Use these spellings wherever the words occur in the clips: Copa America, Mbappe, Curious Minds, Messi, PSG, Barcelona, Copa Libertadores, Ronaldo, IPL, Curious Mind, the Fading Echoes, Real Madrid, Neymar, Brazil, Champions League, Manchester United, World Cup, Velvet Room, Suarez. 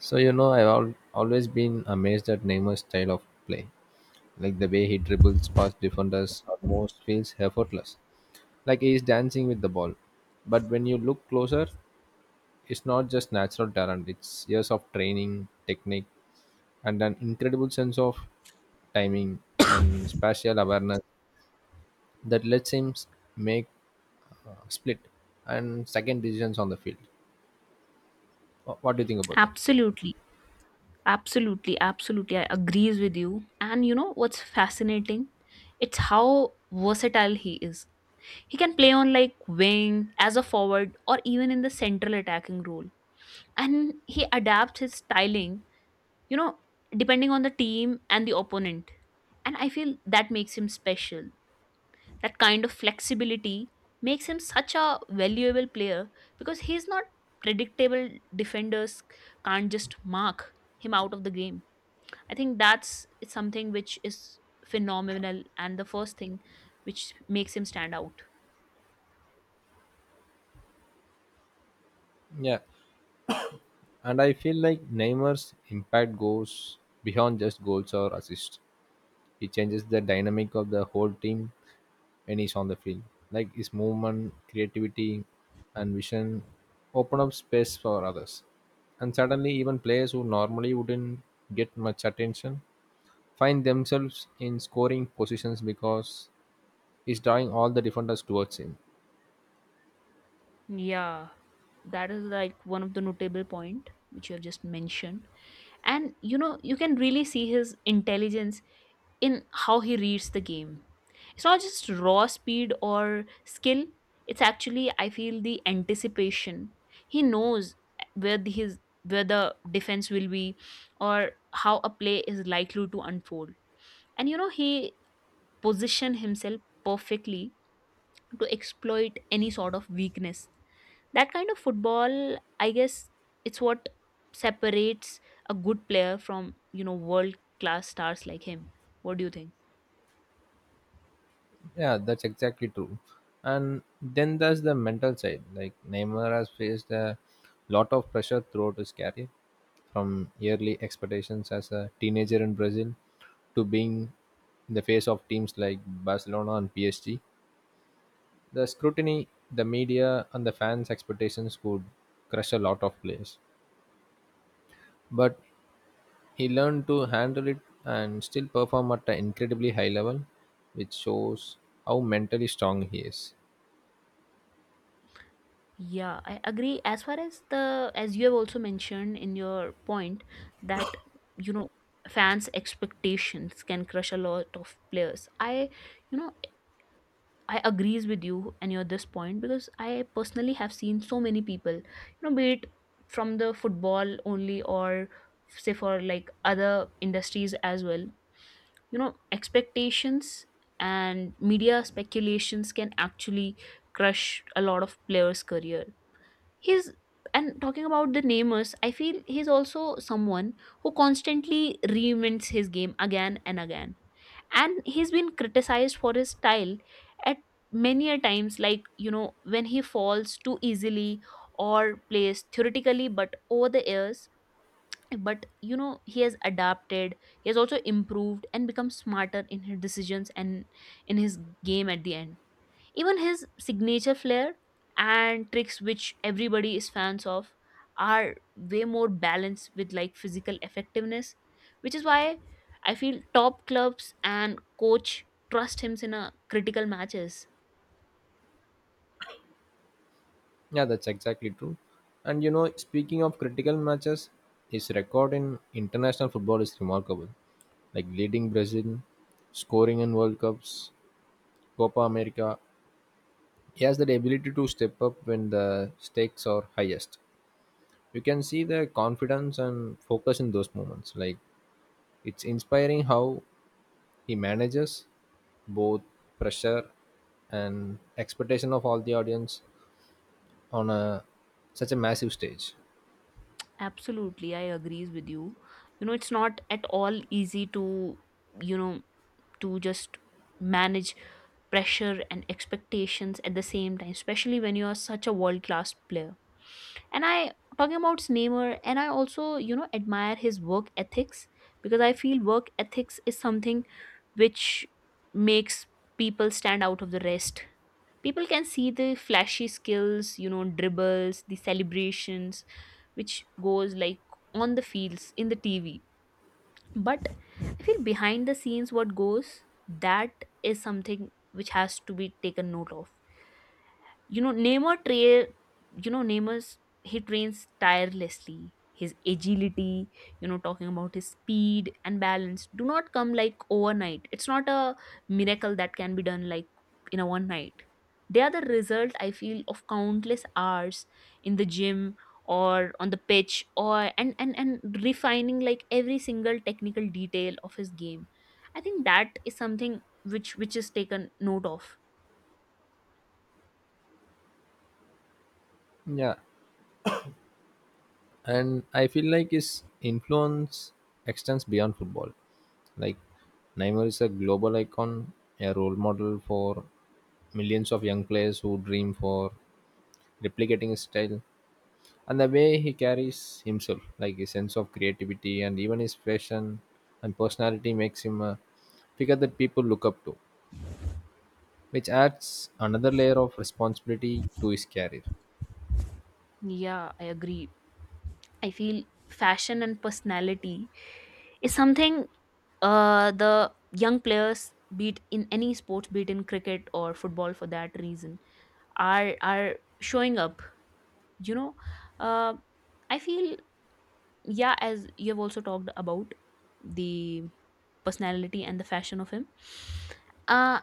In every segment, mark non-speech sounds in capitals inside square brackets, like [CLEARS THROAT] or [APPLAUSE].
So I've always been amazed at Neymar's style of play, like the way he dribbles past defenders almost feels effortless, like he is dancing with the ball. But when you look closer, it's not just natural talent; it's years of training, technique, and an incredible sense of timing and spatial awareness that lets him make split and second decisions on the field. What do you think about that? Absolutely, absolutely, absolutely. I agrees with you. And you know what's fascinating? It's how versatile he is. He can play on like wing, as a forward, or even in the central attacking role. And he adapts his styling, you know, depending on the team and the opponent. And I feel that makes him special, that kind of flexibility makes him such a valuable player because he's not predictable. Defenders can't just mark him out of the game. I think that's it's something which is phenomenal and the first thing which makes him stand out. Yeah. And I feel like Neymar's impact goes beyond just goals or assists. He changes the dynamic of the whole team when he's on the field. Like his movement, creativity, and vision open up space for others. And suddenly, even players who normally wouldn't get much attention find themselves in scoring positions because he's drawing all the defenders towards him. Yeah, that is like one of the notable point which you have just mentioned. And you know, you can really see his intelligence in how he reads the game. It's not just raw speed or skill, it's actually, I feel, the anticipation. He knows his where the defense will be or how a play is likely to unfold. And you know, he positioned himself perfectly to exploit any sort of weakness. That kind of football, I guess, it's what separates a good player from, you know, world class stars like him. What do you think? Yeah, that's exactly true. And then there's the mental side. Like Neymar has faced a lot of pressure throughout his career, from yearly expectations as a teenager in Brazil to being the face of teams like Barcelona and PSG. The scrutiny, the media, and the fans' expectations could crush a lot of players. But he learned to handle it and still perform at an incredibly high level, which shows how mentally strong he is. Yeah, I agree. As far as as you have also mentioned in your point that, you know, fans' expectations can crush a lot of players. I, you know, I agrees with you and your this point because I personally have seen so many people, you know, be it from the football only or say for like other industries as well, you know, expectations and media speculations can actually crush a lot of players' career. He's and talking about the namers, I feel he's also someone who constantly reinvents his game again and again, and he's been criticized for his style at many a times, like you know, when he falls too easily or plays theoretically but over the years, but you know, he has adapted, he has also improved and become smarter in his decisions and in his game. At the end, even his signature flair and tricks, which everybody is fans of, are way more balanced with like physical effectiveness, which is why I feel top clubs and coach trust him in a critical matches. Yeah, that's exactly true. And you know, speaking of critical matches, his record in international football is remarkable. Like leading Brazil, scoring in World Cups, Copa America. He has that ability to step up when the stakes are highest. You can see the confidence and focus in those moments. Like it's inspiring how he manages both pressure and expectation of all the audience on a such a massive stage. Absolutely, I agrees with you. You know, it's not at all easy to, you know, to just manage pressure and expectations at the same time, especially when you are such a world class player. And I talking about snamer, and I also, you know, admire his work ethics because I feel work ethics is something which makes people stand out of the rest. People can see the flashy skills, you know, dribbles, the celebrations, which goes like on the fields in the TV, but I feel behind the scenes what goes, that is something which has to be taken note of. you know, Neymar tra- you know, Neymar, he trains tirelessly. His agility, you know, talking about his speed and balance do not come like overnight. It's not a miracle that can be done like in a one night. They are the result, I feel, of countless hours in the gym or on the pitch or and refining like every single technical detail of his game. I think that is something which is taken note of. Yeah, and I feel like his influence extends beyond football. Like Neymar is a global icon, a role model for millions of young players who dream for replicating his style and the way he carries himself, like his sense of creativity and even his fashion and personality makes him a figure that people look up to, which adds another layer of responsibility to his career. Yeah, I agree. I feel fashion and personality is something, the young players, be it in any sports, be it in cricket or football for that reason, are showing up. You know, uh, I feel, yeah, as you have also talked about the personality and the fashion of him. Uh,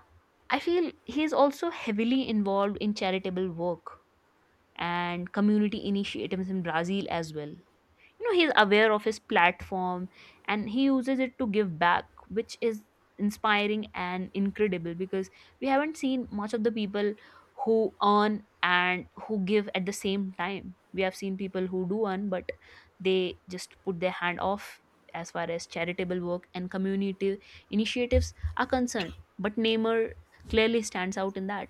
I feel he is also heavily involved in charitable work and community initiatives in Brazil as well. You know, he's aware of his platform and he uses it to give back, which is inspiring and incredible because we haven't seen much of the people who earn and who give at the same time. We have seen people who do earn but they just put their hand off as far as charitable work and community initiatives are concerned, but Neymar clearly stands out in that.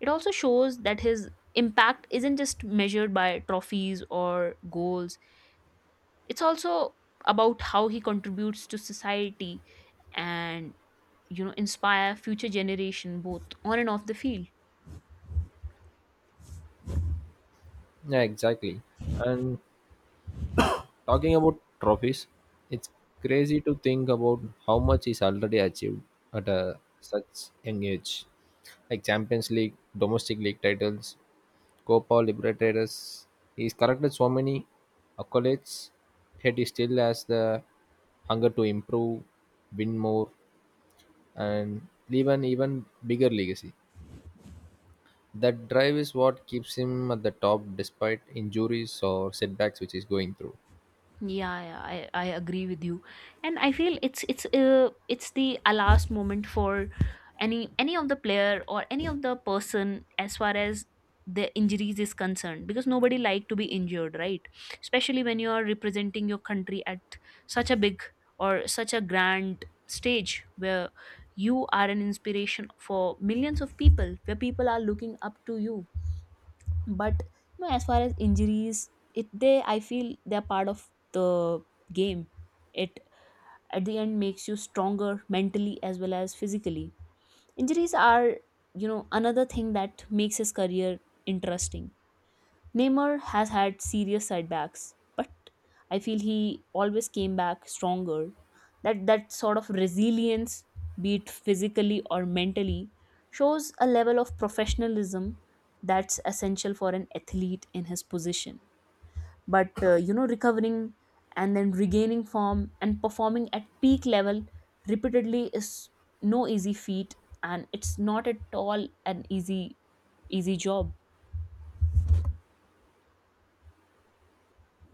It also shows that his impact isn't just measured by trophies or goals, it's also about how he contributes to society and, you know, inspire future generation both on and off the field. Yeah, exactly. And talking about trophies, it's crazy to think about how much is already achieved at a, such young age. Like Champions League, domestic league titles, Copa Libertadores. He's collected so many accolades, yet he still has the hunger to improve, win more, and leave an even bigger legacy. That drive is what keeps him at the top despite injuries or setbacks which he's going through. Yeah, yeah, I agree with you, and I feel it's the last moment for any of the player or any of the person as far as the injuries is concerned, because nobody like to be injured, right? Especially when you are representing your country at such a big or such a grand stage where you are an inspiration for millions of people, where people are looking up to you, but you know, as far as injuries, it they I feel they're part of the game. It at the end makes you stronger mentally as well as physically. Injuries are, you know, another thing that makes his career interesting. Neymar has had serious setbacks, but I feel he always came back stronger. That sort of resilience, be it physically or mentally, shows a level of professionalism that's essential for an athlete in his position. But you know, recovering and then regaining form and performing at peak level repeatedly is no easy feat, and it's not at all an easy job.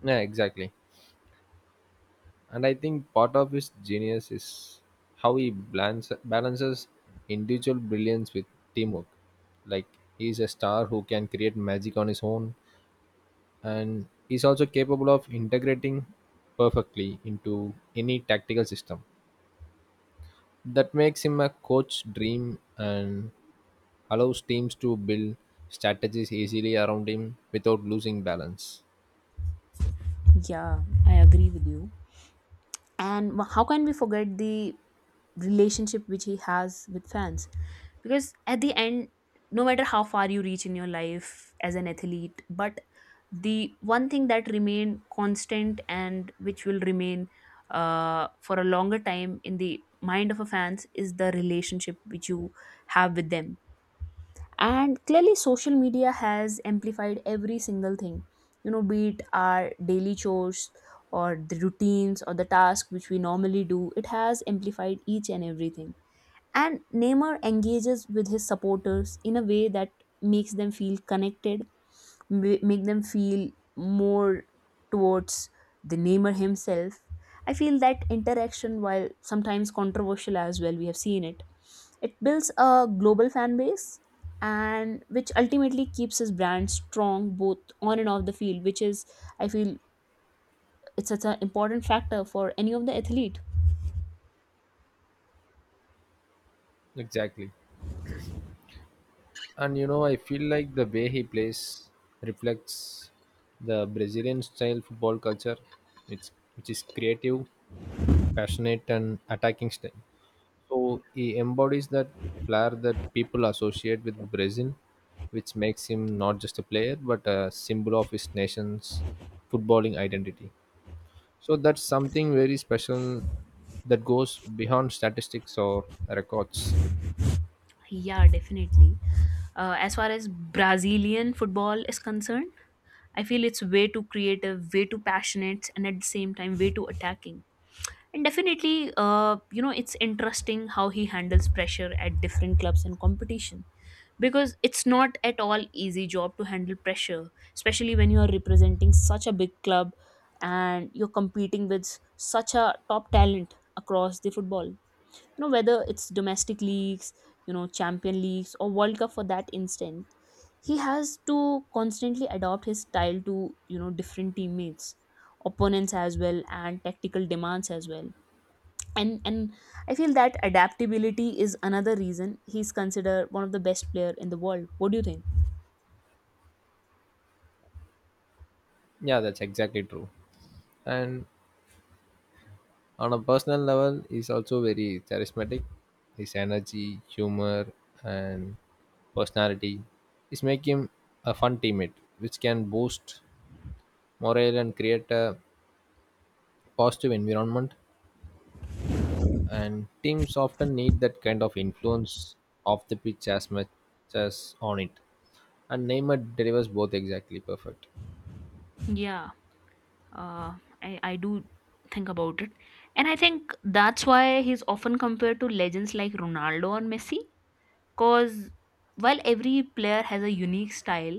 Yeah, exactly. And I think part of his genius is how he balances individual brilliance with teamwork. Like he's a star who can create magic on his own, and he's also capable of integrating perfectly into any tactical system. That makes him a coach dream and allows teams to build strategies easily around him without losing balance. Yeah, I agree with you. How can we forget the relationship which he has with fans? Because at the end, no matter how far you reach in your life as an athlete, but the one thing that remain constant and which will remain for a longer time in the mind of a fans is the relationship which you have with them. And clearly social media has amplified every single thing, you know, be it our daily chores or the routines or the tasks which we normally do, it has amplified each and everything. And Neymar engages with his supporters in a way that makes them feel connected, make them feel more towards the Neymar himself. I feel that interaction, while sometimes controversial as well, we have seen it, it builds a global fan base and which ultimately keeps his brand strong both on and off the field, which is, I feel, it's such an important factor for any of the athlete. Exactly. And you know, I feel like the way he plays reflects the Brazilian style football culture, which which is creative, passionate and attacking style. So he embodies that flair that people associate with Brazil, which makes him not just a player but a symbol of his nation's footballing identity. So that's something very special that goes beyond statistics or records. Yeah, definitely. As far as Brazilian football is concerned, I feel it's way too creative, way too passionate, and at the same time, way too attacking. And definitely, you know, it's interesting how he handles pressure at different clubs and competition, because it's not at all easy job to handle pressure, especially when you are representing such a big club and you're competing with such a top talent across the football, you know, whether it's domestic leagues, you know, champion leagues or world cup for that instant. He has to constantly adopt his style to, you know, different teammates, opponents as well and tactical demands as well. And I feel that adaptability is another reason he's considered one of the best player in the world. What do you think? Yeah, that's exactly true. And on a personal level, he's also very charismatic. His energy, humor, and personality is make him a fun teammate, which can boost morale and create a positive environment. And teams often need that kind of influence off the pitch as much as on it. And Neymar delivers both exactly perfect. Yeah, uh, I do think about it. And I think that's why he's often compared to legends like Ronaldo or Messi. Cause while every player has a unique style,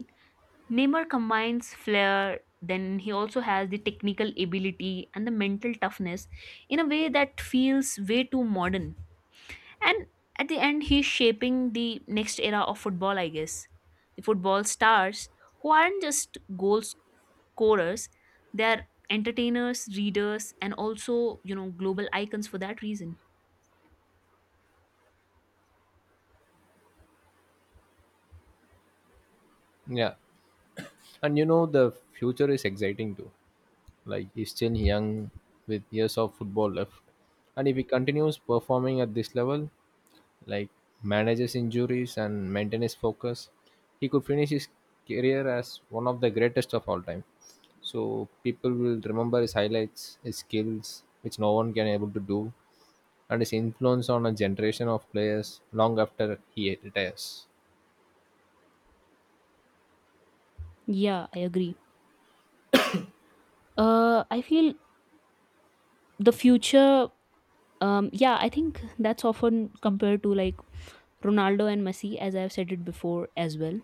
Neymar combines flair, then he also has the technical ability and the mental toughness in a way that feels way too modern. And at the end, he's shaping the next era of football, I guess. The football stars who aren't just goal scorers, they're entertainers, readers, and also, you know, global icons for that reason. Yeah, and you know the future is exciting too. Like he's still young with years of football left. And if he continues performing at this level, like manages injuries and maintains focus, he could finish his career as one of the greatest of all time. So people will remember his highlights, his skills, which no one can able to do, and his influence on a generation of players long after he retires. Yeah, I agree. I feel the future. Yeah, I think that's often compared to like Ronaldo and Messi, as I've said it before as well.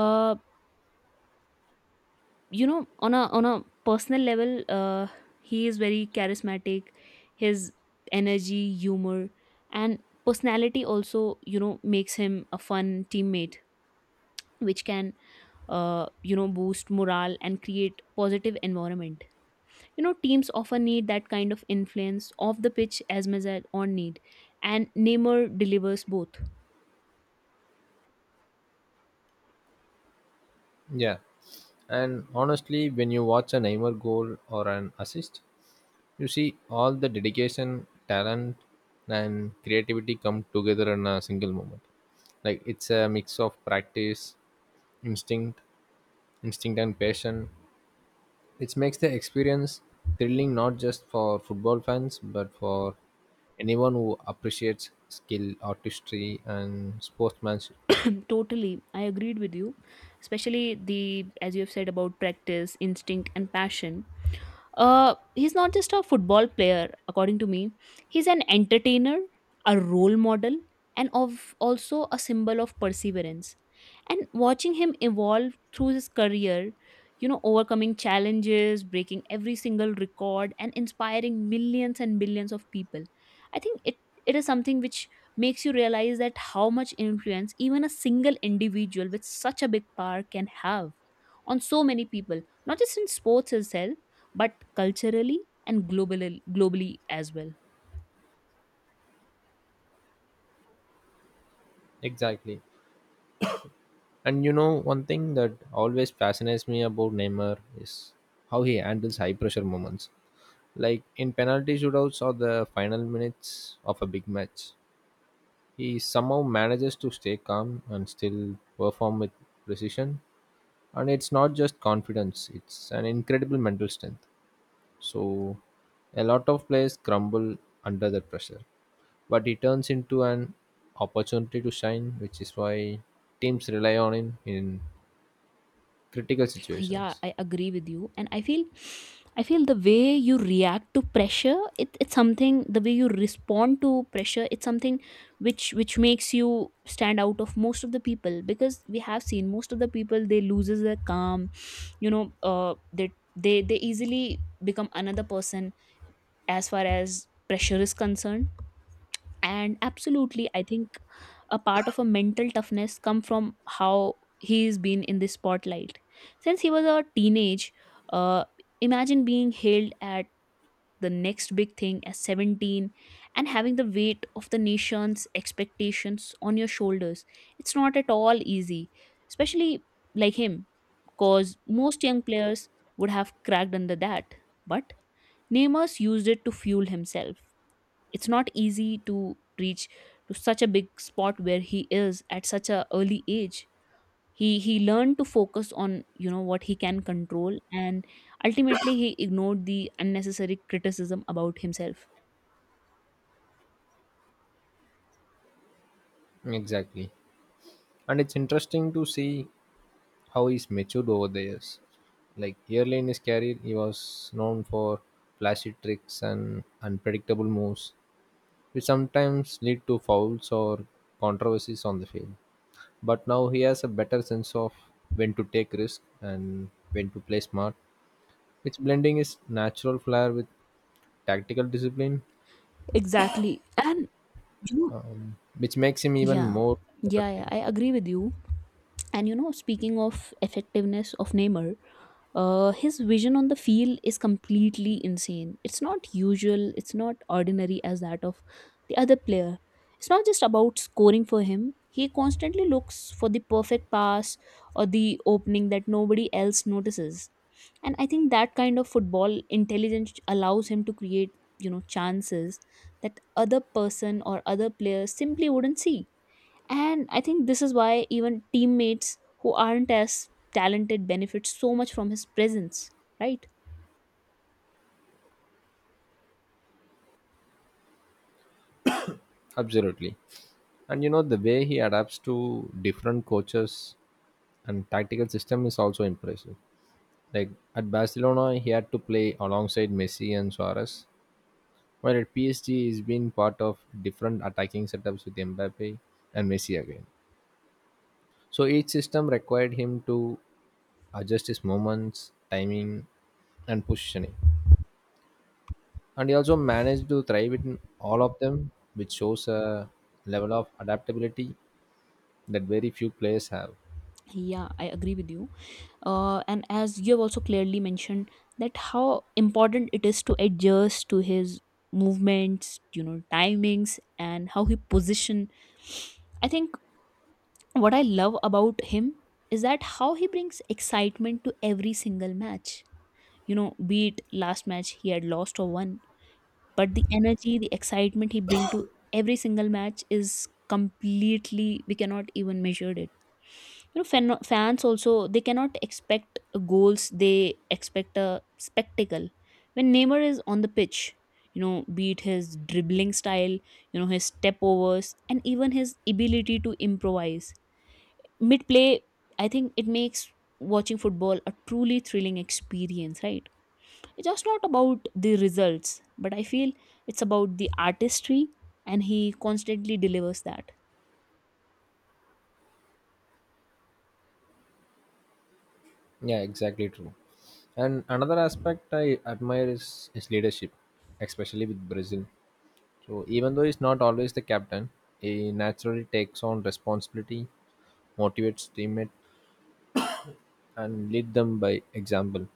Uh, you know, on a personal level, he is very charismatic. His energy, humor, and personality also, you know, makes him a fun teammate, which can, you know, boost morale and create positive environment. You know, teams often need that kind of influence off the pitch as much as on need, and Neymar delivers both. Yeah. And honestly, when you watch a Neymar goal or an assist, you see all the dedication, talent, and creativity come together in a single moment. Like it's a mix of practice, instinct, instinct and passion. It makes the experience thrilling not just for football fans but for anyone who appreciates skill, artistry, and sportsmanship. [COUGHS] [CLEARS THROAT] Totally, I agreed with you, especially the, as you have said about practice, instinct and passion. He's not just a football player, according to me. He's an entertainer, a role model, and of also a symbol of perseverance. And watching him evolve through his career, you know, overcoming challenges, breaking every single record, and inspiring millions and millions of people, I think it is something which makes you realize that how much influence even a single individual with such a big power can have on so many people, not just in sports itself but culturally and globally as well. Exactly. And you know, one thing that always fascinates me about Neymar is how he handles high pressure moments. Like in penalty shootouts or the final minutes of a big match, he somehow manages to stay calm and still perform with precision. And it's not just confidence, it's an incredible mental strength. So a lot of players crumble under that pressure, but he turns into an opportunity to shine, which is why teams rely on him in critical Yeah, situations. I agree with you, and I feel the way you react to pressure, it's something, the way you respond to pressure, it's something which makes you stand out of most of the people, because we have seen most of the people they loses their calm, you know. They easily become another person as far as pressure is concerned. And absolutely, I think a part of a mental toughness come from how he's been in the spotlight since he was a teenage. uh, Imagine being hailed at the next big thing at 17, and having the weight of the nation's expectations on your shoulders. It's not at all easy, especially like him, because most young players would have cracked under that. But Neymar used it to fuel himself. It's not easy to reach to such a big spot where he is at such a early age. He learned to focus on, you know, what he can control, and ultimately he ignored the unnecessary criticism about himself. Exactly. And it's interesting to see how he's matured over the years. Like early in his career, he was known for flashy tricks and unpredictable moves, which sometimes lead to fouls or controversies on the field. But now he has a better sense of when to take risk and when to play smart, which blending his natural flair with tactical discipline, Exactly. And you know. Which makes him even Yeah. more Yeah, yeah, effective. I agree with you. And you know, speaking of effectiveness of Neymar, his vision on the field is completely insane. It's not usual, it's not ordinary as that of the other player. It's not just about scoring for him. He constantly looks for the perfect pass or the opening that nobody else notices. And I think that kind of football intelligence allows him to create, you know, chances that other person or other players simply wouldn't see. And I think this is why even teammates who aren't as talented benefit so much from his presence, right? Absolutely. And you know, the way he adapts to different coaches and tactical system is also impressive. Like at Barcelona he had to play alongside Messi and Suarez, while at PSG he's been part of different attacking setups with Mbappe and Messi again. So each system required him to adjust his movements, timing, and positioning, and he also managed to thrive in all of them, which shows a level of adaptability that very few players have. Yeah, I agree with you. And as you have also clearly mentioned, that how important it is to adjust to his movements, you know, timings, and how he position. I think what I love about him is that how he brings excitement to every single match. You know, be it last match he had lost or won, but the energy, the excitement he brings to every single match is completely, we cannot even measure it. You know, fans also, they cannot expect goals, they expect a spectacle when Neymar is on the pitch. You know, be it his dribbling style, you know, his step overs, and even his ability to improvise mid play. I think it makes watching football a truly thrilling experience, right? It's just not about the results, but I feel it's about the artistry, and he constantly delivers that. Yeah, exactly true. And another aspect I admire is his leadership, especially with Brazil. So even though he's not always the captain, he naturally takes on responsibility, motivates teammates, and lead them by example.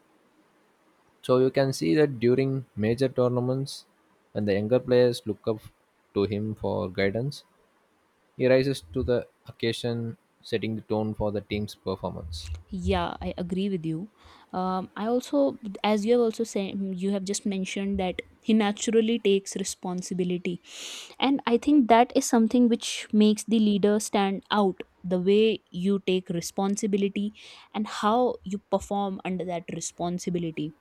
So you can see that during major tournaments, when the younger players look up to him for guidance, he rises to the occasion, setting the tone for the team's performance. Yeah, I agree with you. I also, as you have also said, you have just mentioned that he naturally takes responsibility, and I think that is something which makes the leader stand out, the way you take responsibility and how you perform under that responsibility.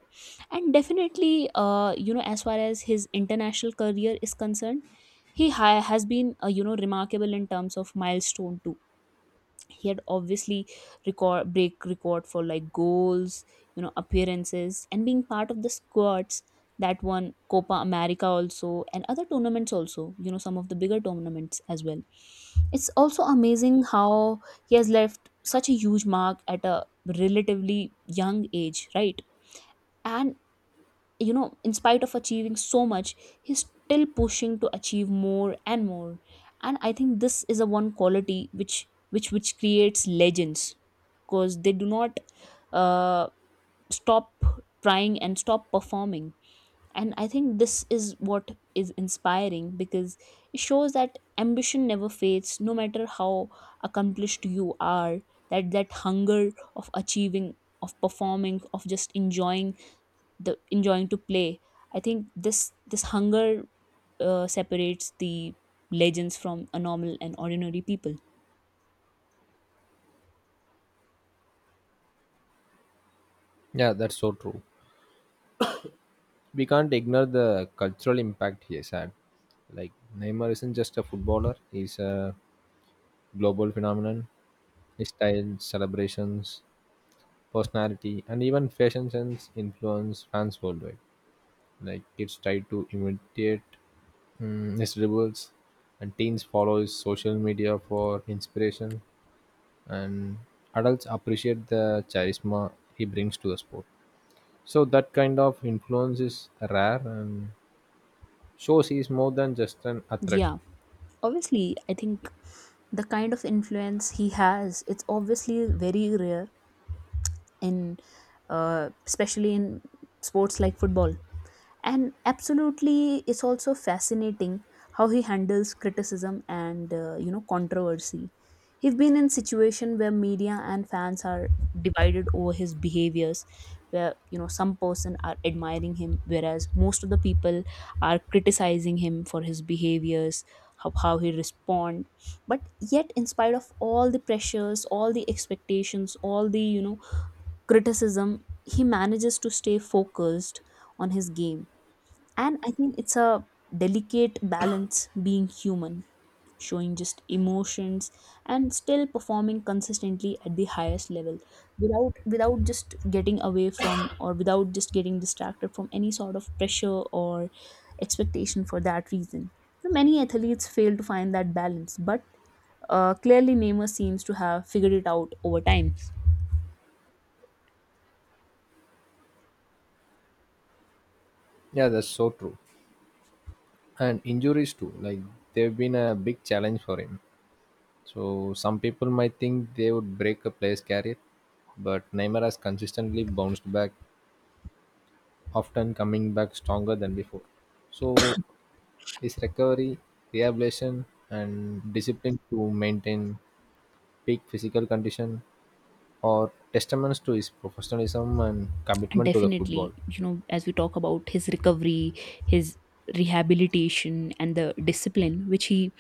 And definitely, you know, as far as his international career is concerned, he has been, you know, remarkable in terms of milestone too. He had obviously record break record for like goals, you know, appearances, and being part of the squads that won Copa America also, and other tournaments also, you know, some of the bigger tournaments as well. It's also amazing how he has left such a huge mark at a relatively young age, right? And you know, in spite of achieving so much, he's still pushing to achieve more and more. And I think this is a one quality which which creates legends, because they do not uh, stop trying and stop performing. And I think this is what is inspiring, because it shows that ambition never fades, no matter how accomplished you are. That hunger of achieving, of performing, of just enjoying, the enjoying to play, I think this hunger separates the legends from a normal and ordinary people. Yeah, that's so true. We can't ignore the cultural impact he has had. Like Neymar isn't just a footballer; he's a global phenomenon. His style, celebrations, personality, and even fashion sense influence fans worldwide. Like kids try to imitate his dribbles, and teens follow his social media for inspiration, and adults appreciate the charisma he brings to the sport. So that kind of influence is rare and shows he's more than just an athlete. Yeah, obviously I think the kind of influence he has, it's obviously very rare in, especially in sports like football. And absolutely, it's also fascinating how he handles criticism and, you know, controversy. He's been in situation where media and fans are divided over his behaviors, where, you know, some person are admiring him whereas most of the people are criticizing him for his behaviors. How he respond. But yet, in spite of all the pressures, all the expectations, all the, you know, criticism, he manages to stay focused on his game. And I think it's a delicate balance, being human, showing just emotions, and still performing consistently at the highest level, without just getting away from, or without just getting distracted from any sort of pressure or expectation for that reason. You know, many athletes fail to find that balance, but clearly Neymar seems to have figured it out over time. Yeah, that's so true. And injuries too, like they've been a big challenge for him. So some people might think they would break a player's career, but Neymar has consistently bounced back, often coming back stronger than before. So his recovery, rehabilitation, and discipline to maintain peak physical condition are testaments to his professionalism and commitment to the football. Definitely, you know, as we talk about his recovery, his rehabilitation and the discipline which he,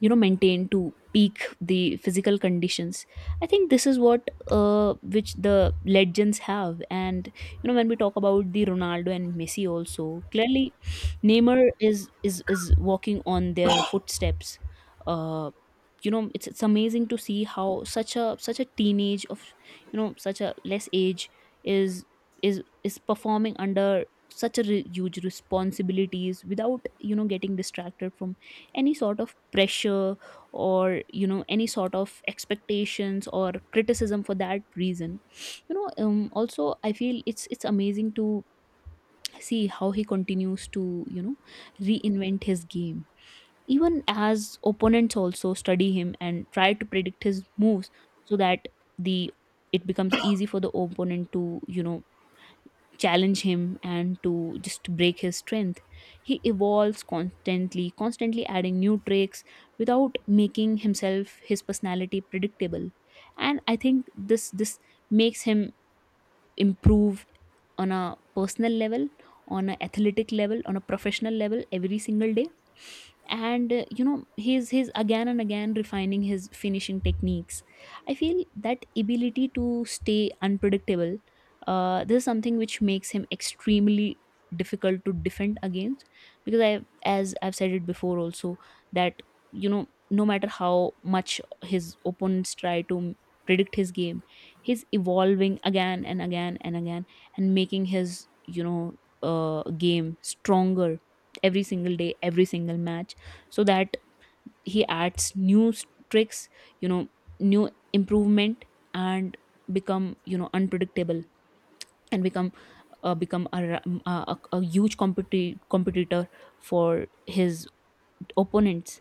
you know, maintained to peak the physical conditions, I think this is what, which the legends have. And you know, when we talk about the Ronaldo and Messi also, clearly Neymar is walking on their footsteps. uh you know, it's amazing to see how such a teenage of, you know, such a less age is performing under such a huge responsibilities without, you know, getting distracted from any sort of pressure, or you know, any sort of expectations or criticism for that reason. You know, also I feel it's amazing to see how he continues to, you know, reinvent his game, even as opponents also study him and try to predict his moves, so that the it becomes easy for the opponent to, you know, challenge him and to just break his strength. He evolves constantly, constantly adding new tricks without making himself, his personality predictable. And I think this makes him improve on a personal level, on a athletic level, on a professional level every single day. And you know, he's again and again refining his finishing techniques. I feel that ability to stay unpredictable, this is something which makes him extremely difficult to defend against, because I, as I've said it before also, that, you know, no matter how much his opponents try to predict his game, he's evolving again and again and again, and making his, you know, game stronger every single day, every single match, so that he adds tricks, you know, new improvement, and become, you know, unpredictable, and become, become a, ra- a huge competitor for his opponents.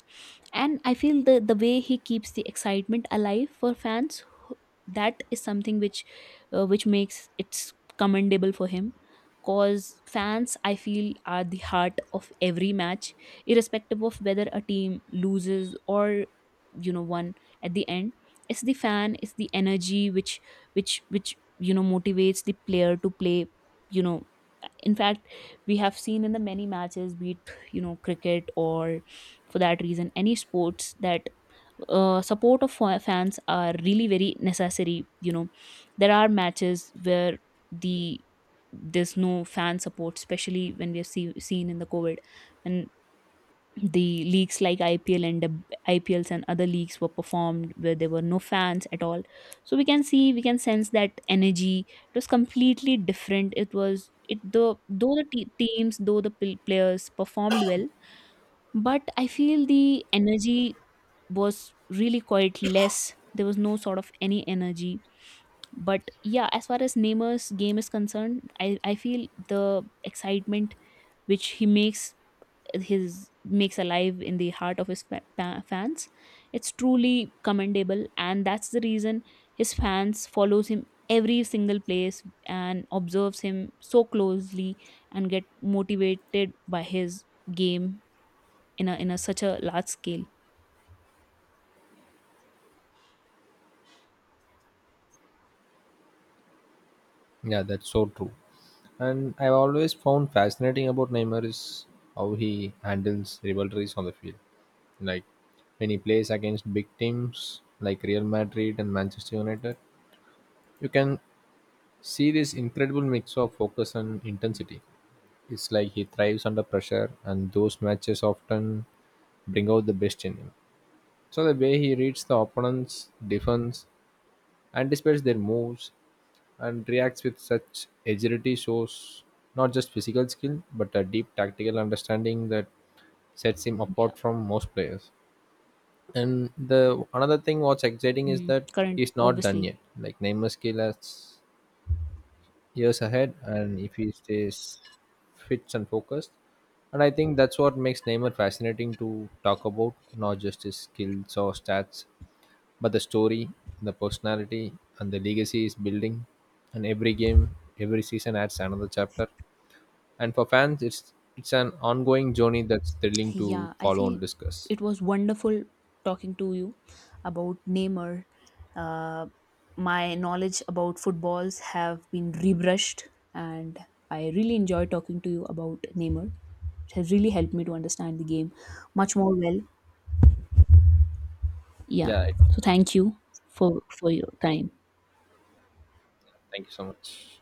And I feel the way he keeps the excitement alive for fans, that is something which, which makes it commendable for him, cause fans, I feel, are the heart of every match, irrespective of whether a team loses or, you know, won. At the end, it's the fan, it's the energy which which, you know, motivates the player to play, you know. In fact, we have seen in the many matches, be it, you know, cricket or, for that reason, any sports that, support of fans are really very necessary. You know, there are matches where the there's no fan support, especially when we have seen in the COVID, when the leagues like IPL and the IPLs and other leagues were performed where there were no fans at all. So we can see, we can sense that energy, it was completely different, it was it the, though the teams, though the players performed well, but I feel the energy was really quite less, there was no sort of any energy. But yeah, as far as Neymar's game is concerned, I feel the excitement which he makes, his makes alive in the heart of his fans, it's truly commendable, and that's the reason his fans follows him every single place and observes him so closely, and get motivated by his game in a such a large scale. Yeah, that's so true. And I've always found fascinating about Neymar is how he handles rivalries on the field. Like when he plays against big teams like Real Madrid and Manchester United, you can see this incredible mix of focus and intensity. It's like he thrives under pressure, and those matches often bring out the best in him. So the way he reads the opponent's defense, anticipates their moves, and reacts with such agility shows not just physical skill but a deep tactical understanding that sets him apart Yeah. from most players. And the another thing what's exciting is that Current he's not done obviously. yet. Like Neymar's skill has years ahead, and if he stays fit and focused, and I think that's what makes Neymar fascinating to talk about, not just his skills or stats, but the story, the personality, and the legacy is building, and every game, every season adds another chapter. And for fans, it's an ongoing journey that's thrilling to Yeah, I follow and feel discuss. it was wonderful talking to you about Neymar. uh, my knowledge about footballs have been rebrushed, and I really enjoy talking to you about Neymar, it has really helped me to understand the game much more well. Yeah, Yeah, so thank you for for your time. thank you so much.